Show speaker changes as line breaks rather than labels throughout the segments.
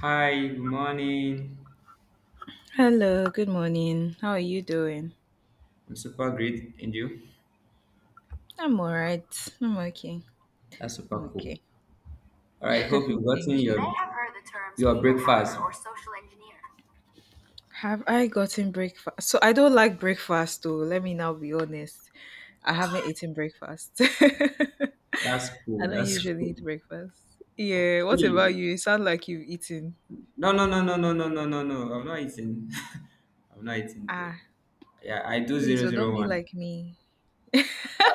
Hi, good morning.
Hello, good morning. How are you doing?
I'm super great, and you?
I'm all right. I'm okay.
That's super
I'm
cool.
okay.
All right, hope you've gotten
Thank you.
your, I have heard the terms, your people hacker breakfast, or social engineer.
Have I gotten breakfast? So I don't like breakfast though. Let me now be honest. I haven't eaten breakfast.
That's
I
cool.
don't
That's
usually
cool.
eat breakfast. Yeah, what
Okay.
about you? You sound like you've eaten.
No, no, no, no, no, no, no, no, no. I'm not eating. I'm not eating though.
Ah,
Yeah, I do
please,
zero
oh, don't
zero
be
one.
like me.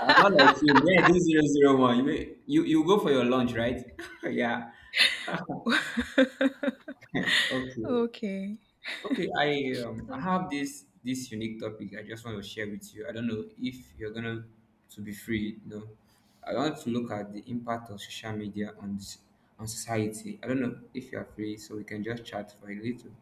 I'm not like you. Yeah, I do 001. You go for your lunch, right? Yeah. Okay.
Okay.
Okay, I I have this unique topic I just want to share with you. I don't know if you're gonna to be free. You know, I want to look at the impact of social media on on society. I don't know if you are free, so we can just chat for a little.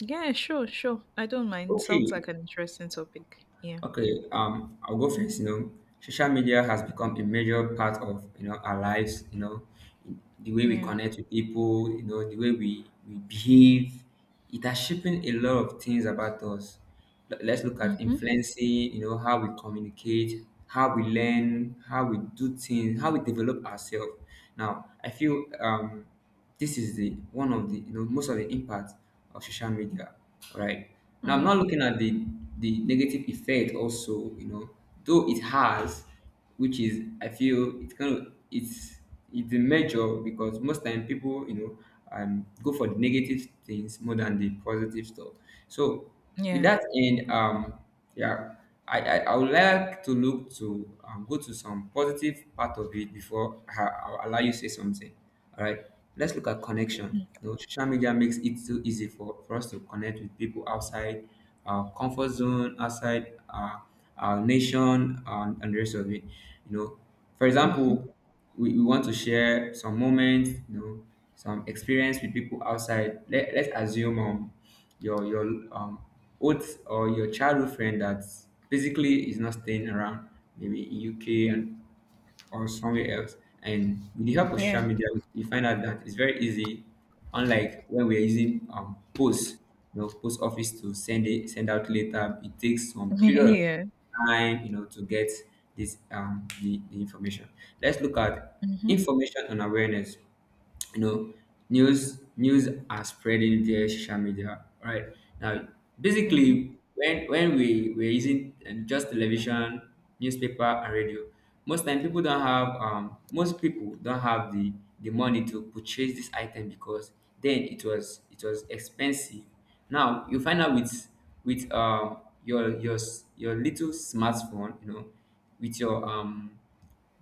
Yeah, sure, sure. I don't mind. Sounds
Okay.
like an interesting topic. Yeah.
Okay, I'll go first. You know, social media has become a major part of our lives. You know, the way we
Yeah.
connect with people. You know, the way we behave. It has shaping a lot of things about us. Let's look at
Mm-hmm.
influencing. You know, how we communicate, how we learn, how we do things, how we develop ourselves. Now, I feel, this is the one of the most of the impact of social media, right? Now I'm not
Mm.
looking at the negative effect also, you know, though it has, which is I feel it's kind of it's a measure, because most time people, you know, go for the negative things more than the positive stuff. So with
Yeah.
that in, yeah, I would like to look to, go to some positive part of it before I'll allow you to say something. All right, let's look at connection. You know, social media makes it so easy for us to connect with people outside our comfort zone, outside our nation, and the rest of it. You know, for example, we want to share some moments, you know, some experience with people outside. Let's assume, your um old or your childhood friend that basically is not staying around, maybe in UK and or somewhere else. And with the help of social
Yeah.
media, you find out that it's very easy, unlike when we're using post, you know, post office, to send it send out later. It takes some period of
Yeah.
time, you know, to get this, the information. Let's look at
Mhm.
information and awareness. You know, news are spreading via social media right now.
Mhm.
Basically when we were using, just television, newspaper and radio, most time people don't have, most people don't have the money to purchase this item, because then it was expensive. Now you find out with your your little smartphone, you know, with your,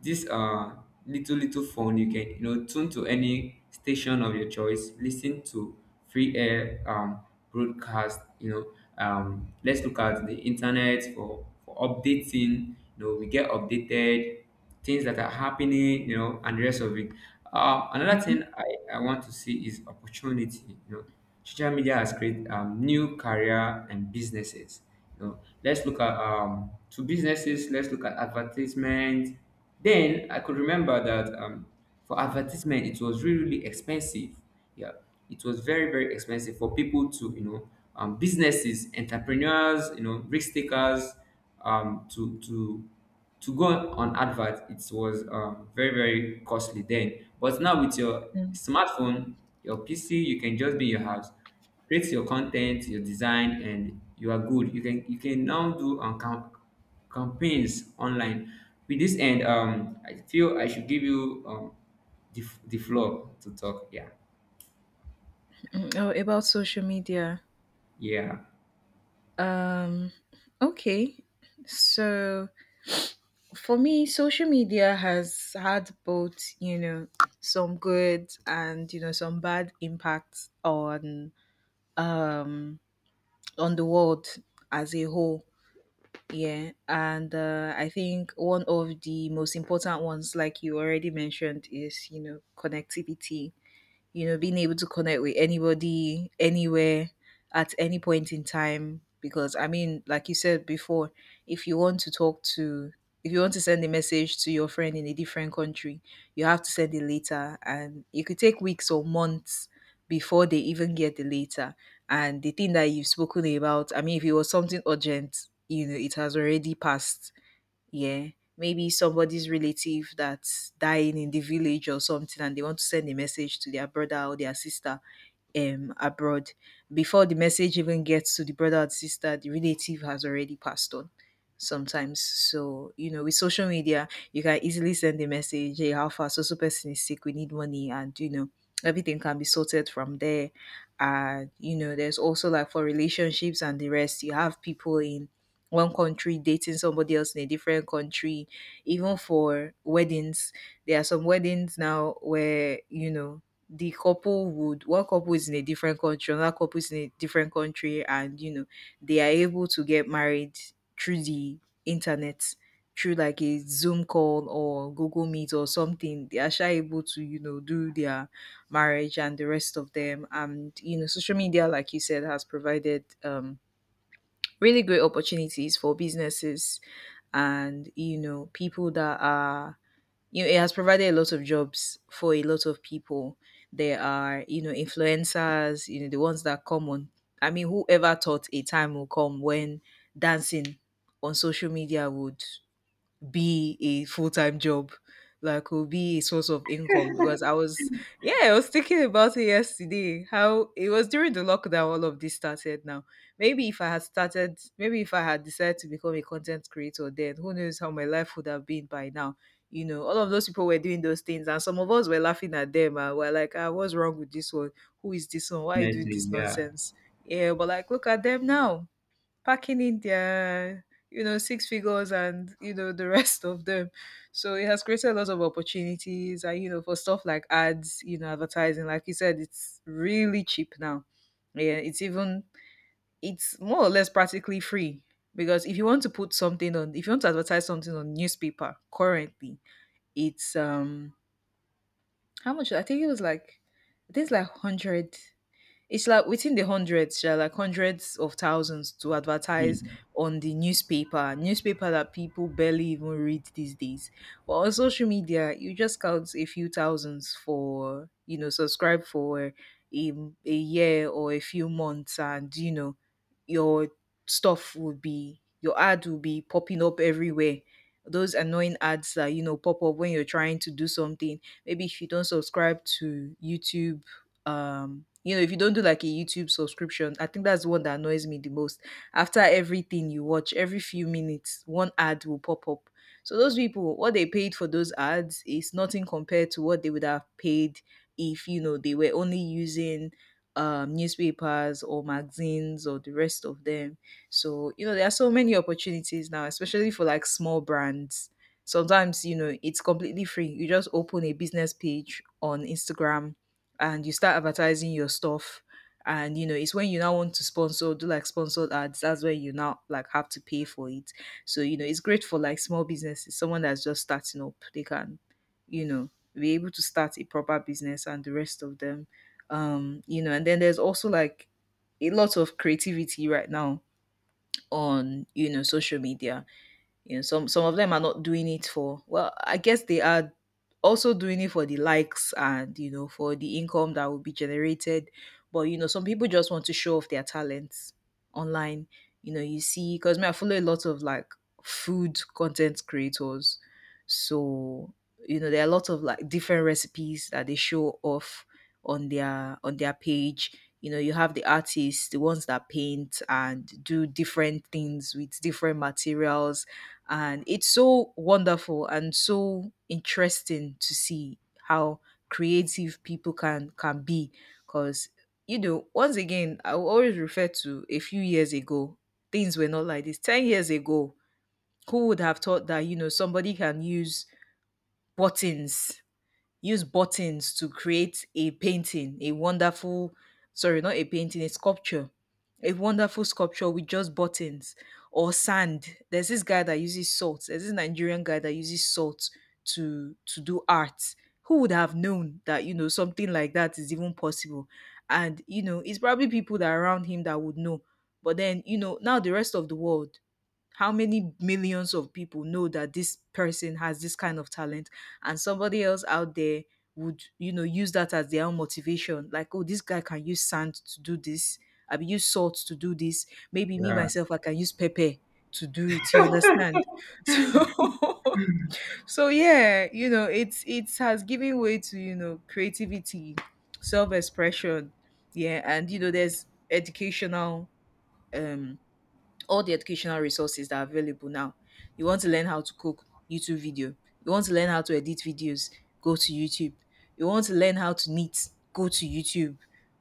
this little phone, you can, you know, tune to any station of your choice, listen to free air, broadcast, you know. Let's look at the internet for updating, you know, we get updated, things that are happening, you know, and the rest of it. Another thing I want to see is opportunity, you know. Social media has created, new career and businesses, you know. Let's look at, to businesses. Let's look at advertisement. Then I could remember that, for advertisement it was really really expensive. Yeah, it was very very expensive for people to, you know, businesses, entrepreneurs, you know, risk takers, um to to to go on advert. It was, very very costly then. But now with your
Mm,
smartphone, your PC, you can just be in your house, create your content, your design, and you are good. You can now do, campaigns online. With this end, I feel I should give you, the floor to talk. Yeah.
mm. Oh, about social media.
Yeah,
Um, okay. So for me, social media has had both, some good and some bad impacts um on the world as a whole. Yeah, and I think one of the most important ones, like you already mentioned, is connectivity, being able to connect with anybody, anywhere, at any point in time. Because, I mean, like you said before, if you want to talk to, if you want to send a message to your friend in a different country, you have to send it later. And it could take weeks or months before they even get the letter. And the thing that you've spoken about, I mean, if it was something urgent, it has already passed. Yeah, maybe somebody's relative that's dying in the village or something, and they want to send a message to their brother or their sister abroad. Before the message even gets to the brother and sister, the relative has already passed on sometimes. So with social media you can easily send a message, hey, how far, so so person is sick, we need money, and everything can be sorted from there. And there's also like for relationships and the rest, you have people in one country dating somebody else in a different country, even for weddings. There are some weddings now where, the couple would, one couple is in a different country, another couple is in a different country, and they are able to get married through the internet, through like a Zoom call or Google Meet or something. They are sure able to, do their marriage and the rest of them. And social media, like you said, has provided really great opportunities for businesses, and people that are, it has provided a lot of jobs for a lot of people. There are, influencers, the ones that come on. I mean, whoever thought a time will come when dancing on social media would be a full-time job, like will be a source of income? Because I was, yeah, I was thinking about it yesterday, how it was during the lockdown all of this started. Now, maybe if I had started, maybe if I had decided to become a content creator then, who knows how my life would have been by now. All of those people were doing those things, and some of us were laughing at them, and we're like, ah, what's wrong with this one? Who is this one, why are you doing
definitely.
this
Yeah.
nonsense? Yeah, but like look at them now, packing in their, six figures and the rest of them. So it has created lots of opportunities, and for stuff like ads, advertising, like you said, it's really cheap now. Yeah, it's even, it's more or less practically free. Because if you want to put something on, if you want to advertise something on newspaper currently, it's how much, I think it was like this like 100, it's like within the hundreds, sha, like hundreds of thousands to advertise
Hmm.
on the newspaper. Newspaper that people barely even read these days. But on social media, you just count a few thousands for, subscribe for a, a year or a few months, and, your stuff would be, your ad will be popping up everywhere. Those annoying ads that, pop up when you're trying to do something. Maybe if you don't subscribe to YouTube, if you don't do like a YouTube subscription, I think that's the one that annoys me the most. After everything you watch, every few minutes one ad will pop up. So those people, what they paid for those ads is nothing compared to what they would have paid if they were only using newspapers or magazines or the rest of them. So there are so many opportunities now, especially for like small brands. Sometimes it's completely free, you just open a business page on Instagram and you start advertising your stuff. And it's when you now want to sponsor, do like sponsored ads, that's where you now like have to pay for it. So it's great for like small businesses, someone that's just starting up, they can, you know be able to start a proper business and the rest of them. And then there's also like a lot of creativity right now on, social media. Some of them are not doing it for, well, I guess they are also doing it for the likes and for the income that will be generated. But some people just want to show off their talents online. You see, because me, I follow a lot of like food content creators, so there are a lot of like different recipes that they show off on their page. You have the artists, the ones that paint and do different things with different materials, and it's so wonderful and so interesting to see how creative people can be. Because once again, I will always refer to a few years ago. Things were not like this 10 years ago. Who would have thought that, somebody can use buttons, use buttons to create a painting, a wonderful, sorry, not a painting, a sculpture. A wonderful sculpture with just buttons or sand. There's this guy that uses salt. There's this Nigerian guy that uses salt to do art. Who would have known that, something like that is even possible? And, it's probably people that are around him that would know. But then, now the rest of the world, how many millions of people know that this person has this kind of talent, and somebody else out there would use that as their own motivation? Like, oh, this guy can use sand to do this, I mean use salt to do this, maybe me
Yeah,
myself I can use pepper to do it, you understand? So, yeah, it's, it has given way to, creativity, self-expression. Yeah, and there's educational um all the educational resources that are available now. You want to learn how to cook, YouTube video. You want to learn how to edit videos, go to YouTube. You want to learn how to knit, go to YouTube.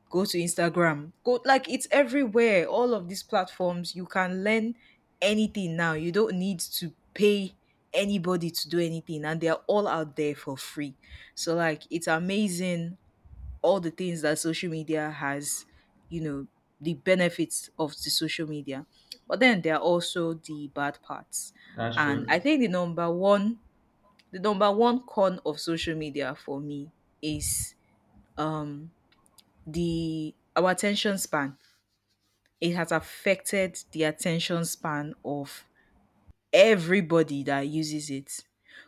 Go to Instagram. Go, like it's everywhere. All of these platforms, you can learn anything now. You don't need to pay anybody to do anything, and they're all out there for free. So like it's amazing all the things that social media has, you know, the benefits of the social media. But then there are also the bad parts.
that's
And
true.
I think the number one con of social media for me is um the our attention span. It has affected the attention span of everybody that uses it.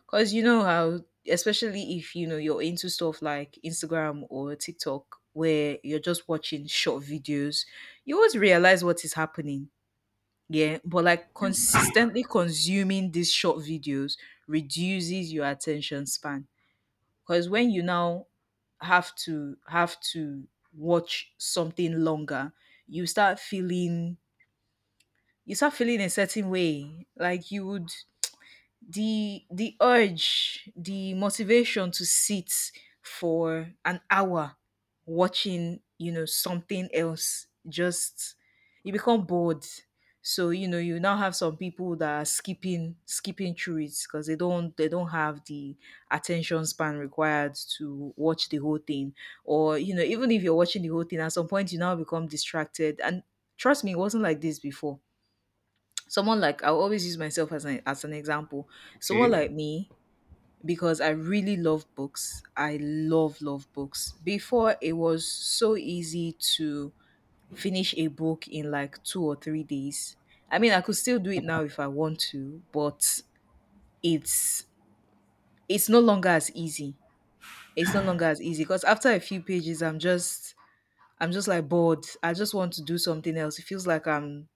Because you know how, especially if you're into stuff like Instagram or TikTok, where you're just watching short videos, you always realize what is happening. Yeah, but like consistently consuming these short videos reduces your attention span. Because when you now have to watch something longer, you start feeling, a certain way. Like you would, the urge, the motivation to sit for an hour watching, something else, just you become bored. So, you now have some people that are skipping through it because they don't have the attention span required to watch the whole thing. Or, even if you're watching the whole thing, at some point you now become distracted. And trust me, it wasn't like this before. Someone like, I'll always use myself as an example. Someone
Okay.
like me, because I really love books. I love love books. Before it was so easy to finish a book in like 2 or 3 days. I mean, I could still do it now if I want to, but it's it's no longer as easy. It's no longer as easy because after a few pages, I'm just like bored. I just want to do something else. It feels like I'm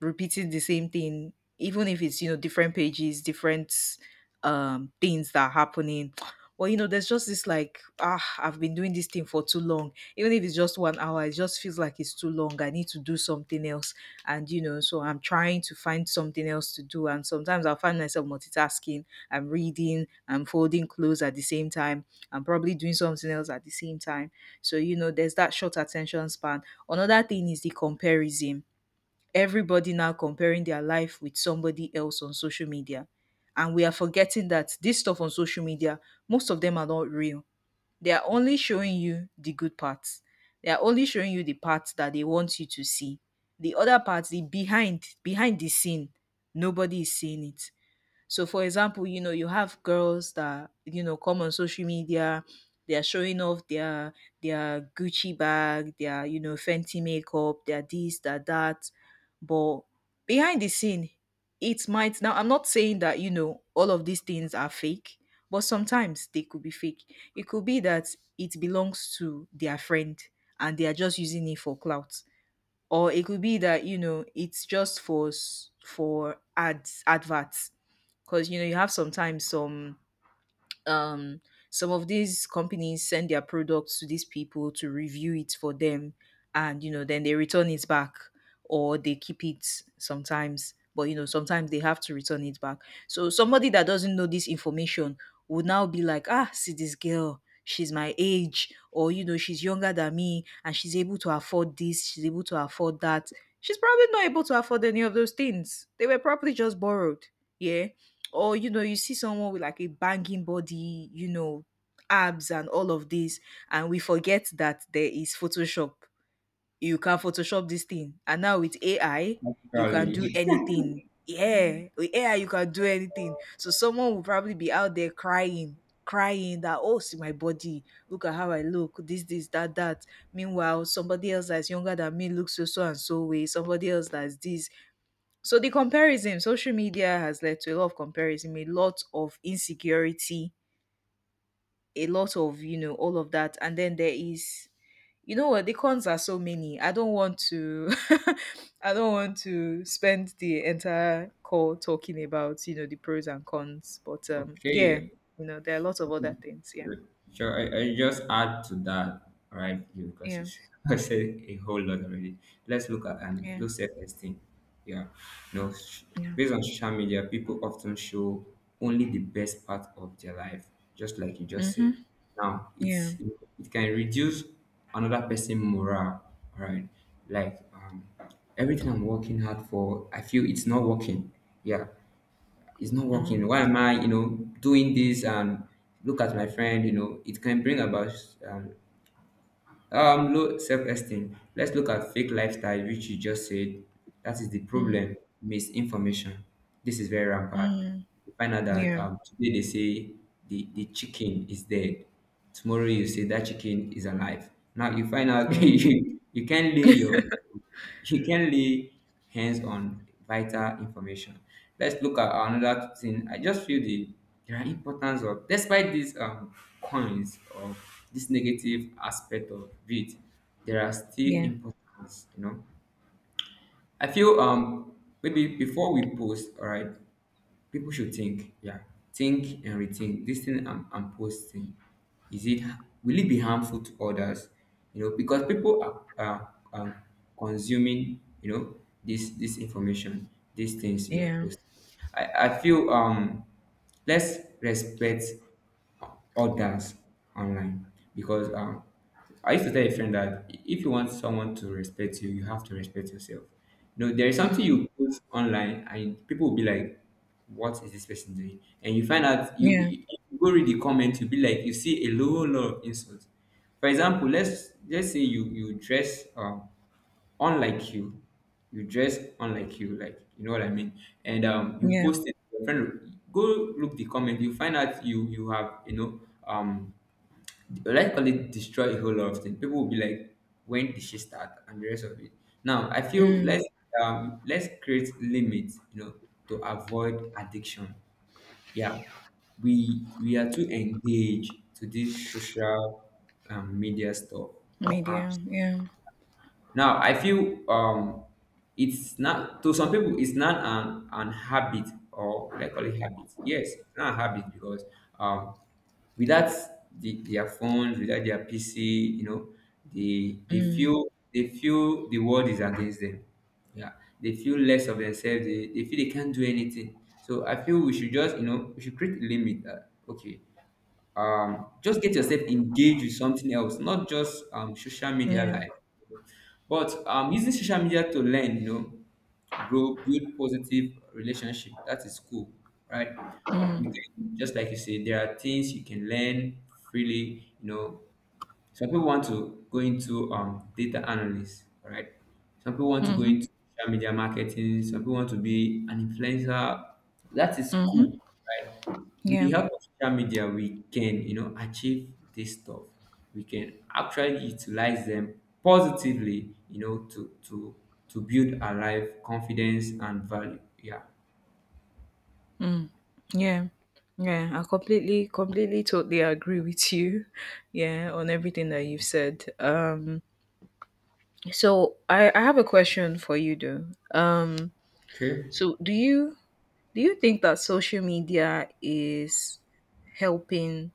repeating the same thing even if it's different pages, different things that are happening. Well, there's just this like, ah, I've been doing this thing for too long. Even if it's just 1 hour, it just feels like it's too long. I need to do something else. And so I'm trying to find something else to do, and sometimes I'll find myself multitasking. I'm reading, I'm folding clothes at the same time, I'm probably doing something else at the same time. So there's that short attention span. Another thing is the comparison. Everybody now comparing their life with somebody else on social media. And we are forgetting that this stuff on social media, most of them are not real. They are only showing you the good parts. They are only showing you the parts that they want you to see. The other parts, the behind the scene, nobody is seeing it. So, for example, you have girls that, come on social media, they are showing off their Gucci bag, their, Fenty makeup, their this, their that. But behind the scene, it might— now I'm not saying that, all of these things are fake, but sometimes they could be fake. It could be that it belongs to their friend and they are just using it for clout, or it could be that it's just for for ads, adverts. Because you have sometimes um some of these companies send their products to these people to review it for them, and then they return it back. Or they keep it sometimes, but sometimes they have to return it back. So somebody that doesn't know this information would now be like, ah, see this girl, she's my age, or she's younger than me, and she's able to afford this, she's able to afford that. She's probably not able to afford any of those things. They were probably just borrowed. Yeah. Or you see someone with like a banging body, abs and all of this, and we forget that there is Photoshop. You can photoshop this thing, and now with AI you can
Probably.
do anything. Yeah, with AI you can do anything. So someone will probably be out there crying, crying that, oh, see my body, look at how I look, this, that, that. Meanwhile, somebody else that's younger than me looks so so and so way, somebody else that's this. So the comparison— social media has led to a lot of comparison, a lot of insecurity, a lot of, all of that. And then there is, you know what, the cons are so many. I don't want to I don't want to spend the entire call talking about, the pros and cons. But yeah,
Okay.
there are lots of other things. Yeah.
Sure, I just add to that, right? Because
Yeah.
I said a whole lot already. Let's look at,
Yeah.
low self-esteem. Yeah. no, sh-
Yeah.
Based on social media, people often show only the best part of their life, just like you just
Mm-hmm.
said. Now,
Yeah.
it can reduce another person' morale, right? Like, everything I'm working hard for, I feel it's not working. Yeah, it's not working.
Mm.
Why am I, you know, doing this? And look at my friend, you know, it can bring about, um, low self-esteem. Let's look at fake lifestyle, which you just said. That is the
Mm.
problem. Misinformation. This is very rampant.
Mm.
You find out that,
Yeah.
today they say the chicken is dead. Tomorrow you say that chicken is alive. Now you find out,
Mm.
you can't lay your, she can lay hands on vital information. Let's look at another thing. I just feel there are importance of, despite these, coins, or this negative aspect of it, there are still
Yeah.
importance, you know. I feel, maybe before we post, all right, people should think, yeah, think and rethink this thing I'm posting. Is it, will it be harmful to others? You know, because people are consuming, you know, this information, these things you are
Yeah.
posting. I feel, let's respect orders online, because, I used to tell a friend that if you want someone to respect you, you have to respect yourself. You know, there is something
Mm.
you put online, and people will be like, "What is this person doing?" And you find out you,
Yeah.
you you go read the comment, you'll be like, you see a whole lot of insults. For example, let's say you dress, unlike you. You dress unlike you, like you know what I mean. And, you
Yeah.
post it. Your friend, go look the comment. You find out you have, you know, um, let's call it destroy a whole lot of things. People will be like, when did she start, and the rest of it. Now I feel
Mm,
let's, let's create limits, you know, to avoid addiction. Yeah, we are too engaged to this social, media stuff or apps.
media, yeah.
Now I feel, it's not, to some people it's not an habit, or like call it habit. Yes, it's not a habit because, um without their phones, without their PC, you know, they
Mm,
feel, the world is against them. Yeah, they feel less of themselves. They feel they can't do anything. So I feel we should just, you know, we should create a limit that okay, just get yourself engaged with something else, not just, social media
yeah.
life. But, using social media to learn, you know, grow, build positive relationship. That is cool, right? We
Mm,
can, just like you say, there are things you can learn freely, you know. Some people want to go into, data analyst, all right? Some people want to go
mhm.
into social media marketing. Some people want to be an influencer. That is
Mhm.
cool, right? With the
Yeah.
help of social media, we can, you know, achieve this stuff. We can actually utilize them positively, you know, to build our life confidence and value. Yeah.
Yeah. Yeah, I completely totally agree with you. Yeah, on everything that you've said. So I have a question for you though. Um
Okay.
so do you think that social media is helping,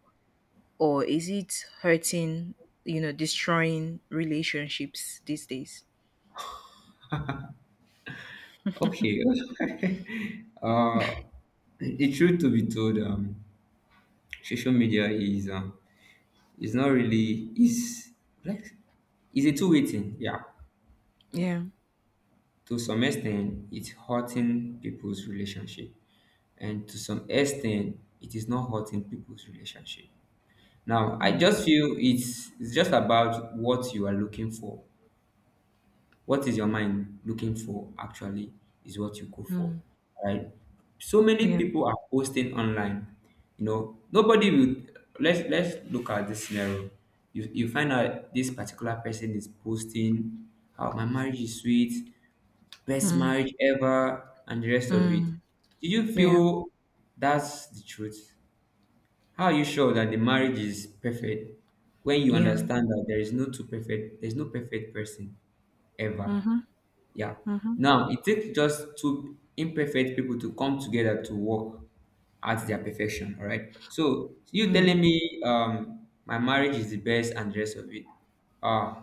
or is it hurting, destroying relationships these days?
Okay. uh, the truth to be told, social media is, it's not really, it's like, it's a two-way thing, yeah.
Yeah.
To some extent it's hurting people's relationship. And to some extent it is not hurting people's relationship. Now I
Mm,
just feel it's just about what you are looking for, what is your mind looking for actually is what you go for,
mm,
right? So many
yeah.
people are posting online, you know. Nobody will, let's look at this scenario. You find out this particular person is posting how my marriage is sweet, best
Mm,
marriage ever, and the rest of it.
mm.
Do you
Yeah.
feel that's the truth? How are you sure that the marriage is perfect, when you
Yeah.
understand that there is no two perfect, there's no perfect person ever.
Mhm.
Yeah.
Mhm.
Now, it takes just two imperfect people to come together to work at their perfection. All right. So you telling
Mm.
me, my marriage is the best, and the rest of it. Uh,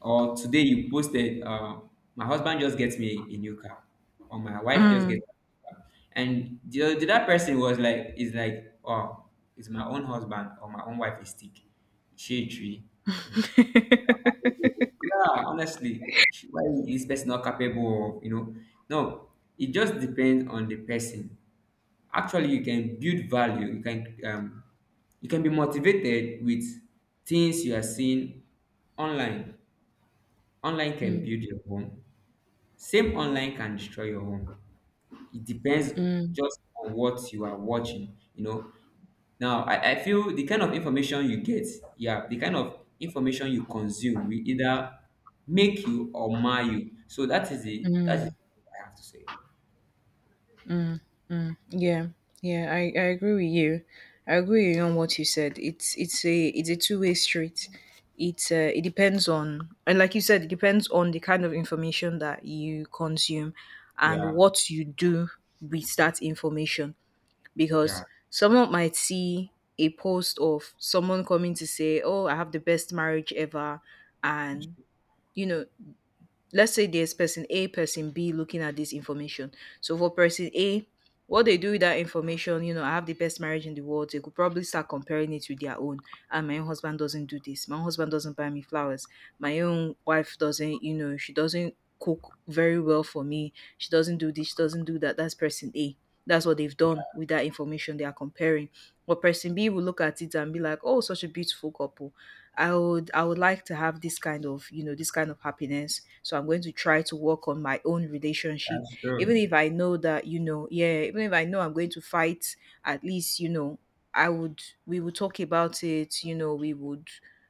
or today you posted, uh, my husband just gets me a new car, or my wife just gets
Mm.
me a new car. And the other person was like, is like, oh, it's my own husband, or my own wife is sick. She tree, you know. Yeah, honestly, why is this person not capable of, you know? No, it just depends on the person. Actually, you can build value. You can, you can be motivated with things you are seeing online. Online can
Mm,
build your home. Same online can destroy your home. It depends
mm.
just on what you are watching. You know, now, I feel the kind of information you get, yeah, the kind of information you consume will either make you or mar you. So that is the, that is what I have to say.
Yeah. Yeah, I agree with you. I agree with you on what you said. It's a it's a two-way street. It's it depends on— and like you said, it depends on the kind of information that you consume and
Yeah,
what you do with that information. Because
yeah,
someone might see a post of someone coming to say, "Oh, I have the best marriage ever,"
that's,
and you know let's say there's person A, person B looking at this information. So for person A, what they do with that information, I have the best marriage in the world. They could probably start comparing it with their own. And my own husband doesn't do this. My own husband doesn't buy me flowers. My own wife doesn't, she doesn't cook very well for me. She doesn't do this. She doesn't do that. That's person A. That's what they've done with that information. They are comparing. But person B will look at it and be like, "Oh, such a beautiful couple. I would like to have this kind of, this kind of happiness, so I'm going to try to work on my own relationship.
that's
Even
true.
if I know that, yeah, even if I know I'm going to fight, at least, I would— we would talk about it,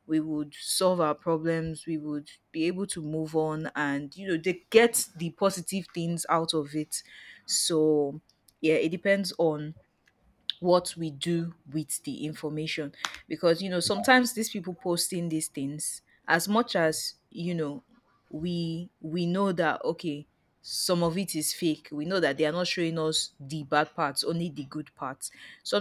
we would solve our problems, we would be able to move on, and they get the positive things out of it." So yeah, it depends on what we do with the information. Because sometimes these people posting these things, as much as we know that, okay, some of it is fake, we know that they are not showing us the bad parts, only the good parts.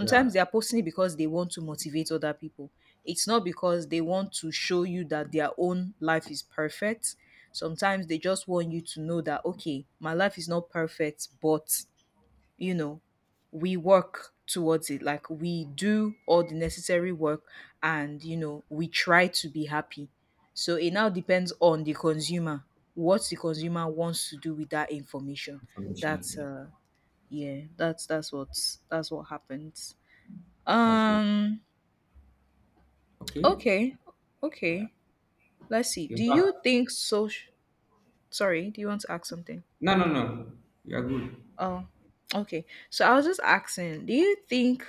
Yeah,
they are posting it because they want to motivate other people. It's not because they want to show you that their own life is perfect. Sometimes they just want you to know that, okay, my life is not perfect, but you know we work towards it, like we do all the necessary work, and we try to be happy. So it now depends on the consumer, what the consumer wants to do with that information.
information.
That's
Yeah,
yeah, that's what happens.
that's true.
um
Okay.
okay.
Yeah,
Okay, let's see,
you
do
have,
you think social— sorry, do you want to ask something?
no, no, no. You are good.
Oh, okay. So I was just asking, do you think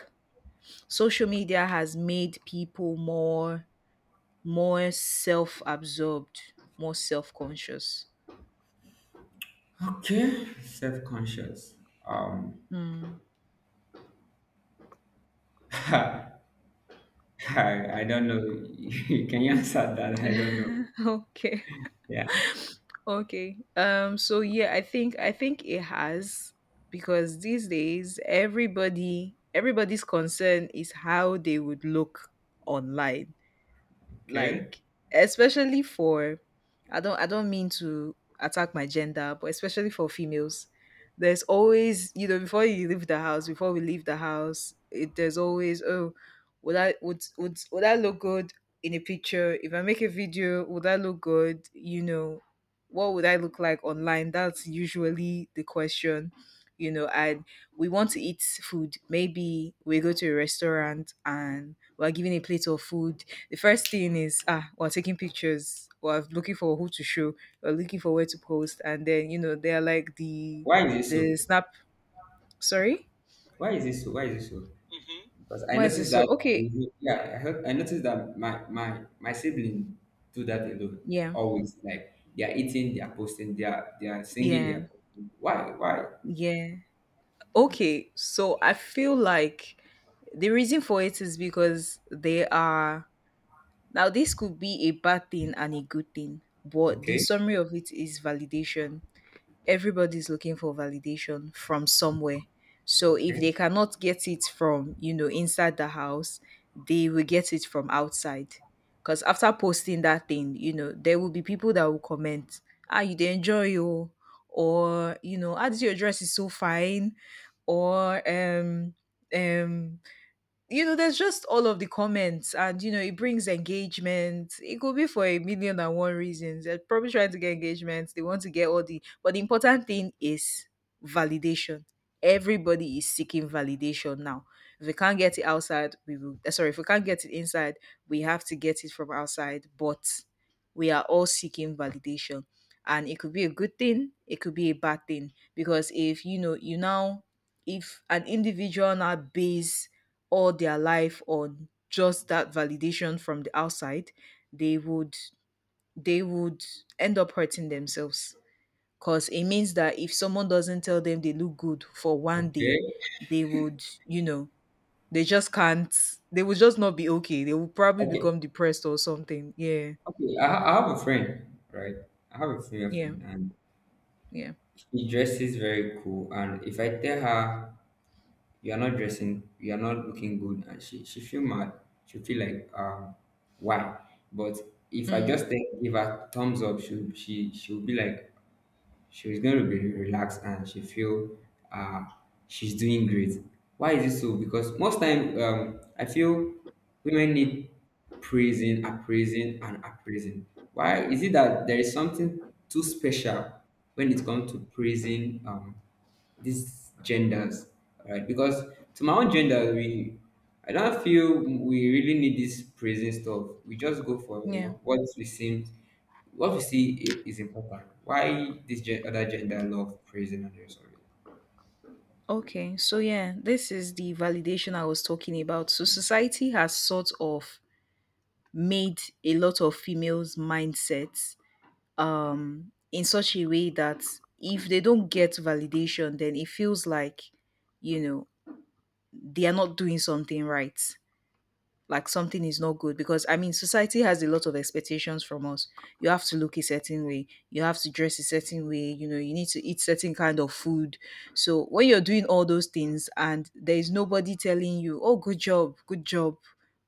social media has made people more more self-absorbed, more self-conscious?
Okay, self-conscious. Um,
Mm.
I, I don't know. Can you answer that? I don't know.
Okay.
Yeah.
Okay, so yeah, I think I think it has. Because these days everybody's concern is how they would look online.
Okay.
Like, especially for— I don't mean to attack my gender, but especially for females, there's always, before you leave the house, before we leave the house, it, there's always, oh, would I— would I look good in a picture? If I make a video, would I look good? What would I look like online? That's usually the question. And we want to eat food. Maybe we go to a restaurant and we're given a plate of food, the first thing is, ah, we're taking pictures, we're looking for who to show, we're looking for where to post. And then they're like the
Why is it so?
snap— sorry,
Why is it so? Why is it so? Because I
why is this
noticed
so?
that,
Okay.
yeah, I heard, I noticed that my sibling do that alone.
Yeah.
Always like they are eating, they are posting, they are singing, they are
Yeah.
posting. Why? Why?
Yeah, okay. So I feel like the reason for it is because they are— now this could be a bad thing and a good thing, but the
Okay,
summary of it is validation. Everybody's looking for validation from somewhere. So if
okay,
they cannot get it from, inside the house, they will get it from outside. Because after posting that thing, there will be people that will comment, ah, you did enjoy you, or ah, this your dress is so fine, or um there's just all of the comments, and it brings engagement. It could be for a million and one reasons. They're probably trying to get engagement. They want to get all the— but the important thing is validation. Everybody is seeking validation now. If we can't get it outside, we will— sorry, if we can't get it inside, we have to get it from outside. But we are all seeking validation, and it could be a good thing. It could be a bad thing because if you now, if an individual now base all their life on just that validation from the outside, they would— they would end up hurting themselves. 'Cause it means that if someone doesn't tell them they look good for one
okay,
day, they would, they just can't— they will just not be okay. They will probably
okay,
become depressed or something. Yeah.
okay. I have a friend, right? I have a female
Yeah.
friend, and
Yeah.
she dresses very cool. And if I tell her you are not dressing, you are not looking good, and she feel mad. She feel like, why? But if I
Mm,
just take, give her thumbs up, she'll be like she was going to be relaxed, and she feel, uh, she's doing great. Why is it so? Because most time, I feel women need praising, appraising, and appraising. Why is it that there is something too special when it comes to praising, these genders, right? Because to my own gender, we, I don't feel we really need this praising stuff. We just go for, you
yeah.
know, what we seem, what we see, is important. Why this other gender love praising and the rest of it?
Okay, so yeah, this is the validation I was talking about. So society has sort of made a lot of females' mindsets in such a way that if they don't get validation, then it feels like you know they are not doing something right, like something is not good. Because I mean, society has a lot of expectations from us. You have to look a certain way, you have to dress a certain way, you need to eat certain kind of food. So when you're doing all those things and there is nobody telling you, oh, good job, good job,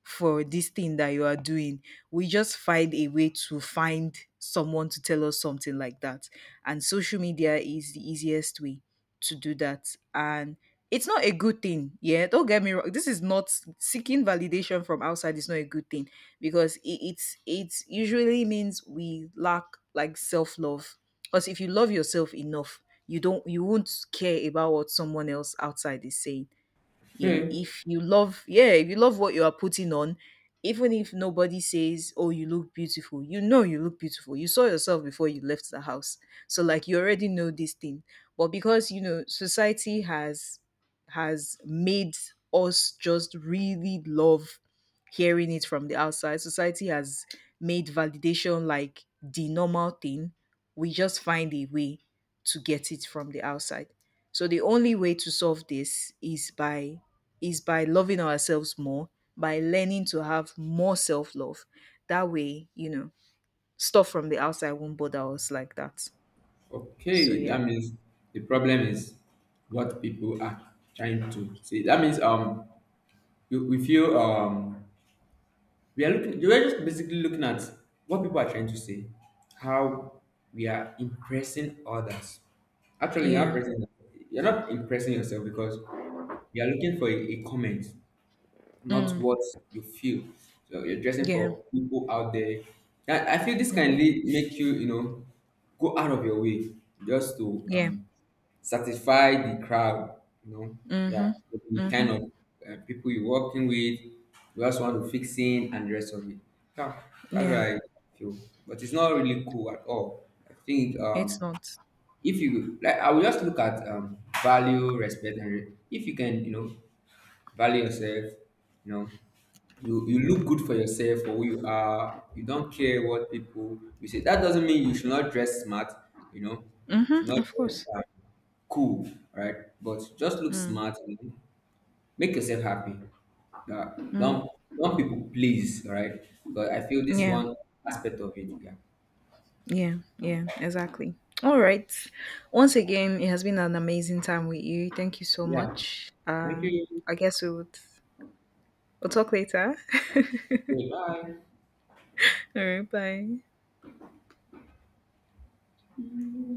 for this thing that you are doing, we just find a way to find someone to tell us something like that. And social media is the easiest way to do that. And it's not a good thing. Yeah, don't get me wrong. This is not— seeking validation from outside is not a good thing, because it, it's— it usually means we lack, like, self love. Because if you love yourself enough, you don't— you won't care about what someone else outside is saying. Yeah,
Okay,
if you love— yeah, if you love what you are putting on, even if nobody says, oh, you look beautiful, you look beautiful, you saw yourself before you left the house, so like you already know this thing. But because society has made us just really love hearing it from the outside, society has made validation like the normal thing. We just find a way to get it from the outside. So the only way to solve this is by loving ourselves more, by learning to have more self love. That way, stuff from the outside won't bother us like that. So
okay.
yeah,
That means the problem is what people are trying to say. That means, you, we feel, we are looking, we are just basically looking at what people are trying to say, how we are impressing others. Actually you're not
yeah,
impressing, you're not impressing yourself, because you are looking for a comment, not
mm,
what you feel. So you're dressing
yeah,
for people out there. I feel this can
hmm,
lead, make you, you know, go out of your way just to,
yeah,
satisfy the crowd, you know.
hmm,
Yeah, so the
hmm,
kind of, people you're working with, you also want to fix in and the rest of it. Yeah, that's what
yeah.
I feel. But it's not really cool at all. I think,
It's not.
if you like, I will just look at, value, respect, and if you can, you know, value yourself, you know, you look good for yourself for who you are. You don't care what people you say, that doesn't mean you should not dress smart, you know, you
Hmm,
should not
of
dress,
course.
cool, right? But just look
Mm,
smart, you know? Make yourself happy. Uh,
mm,
don't don't people please, all right? Because I feel this is
yeah,
one aspect of it. Yeah.
yeah, yeah. Exactly. All right. Once again, it has been an amazing time with you. Thank you so
Yeah,
much.
thank you.
I guess we would— we'll talk later. All
Okay, bye.
right. Bye.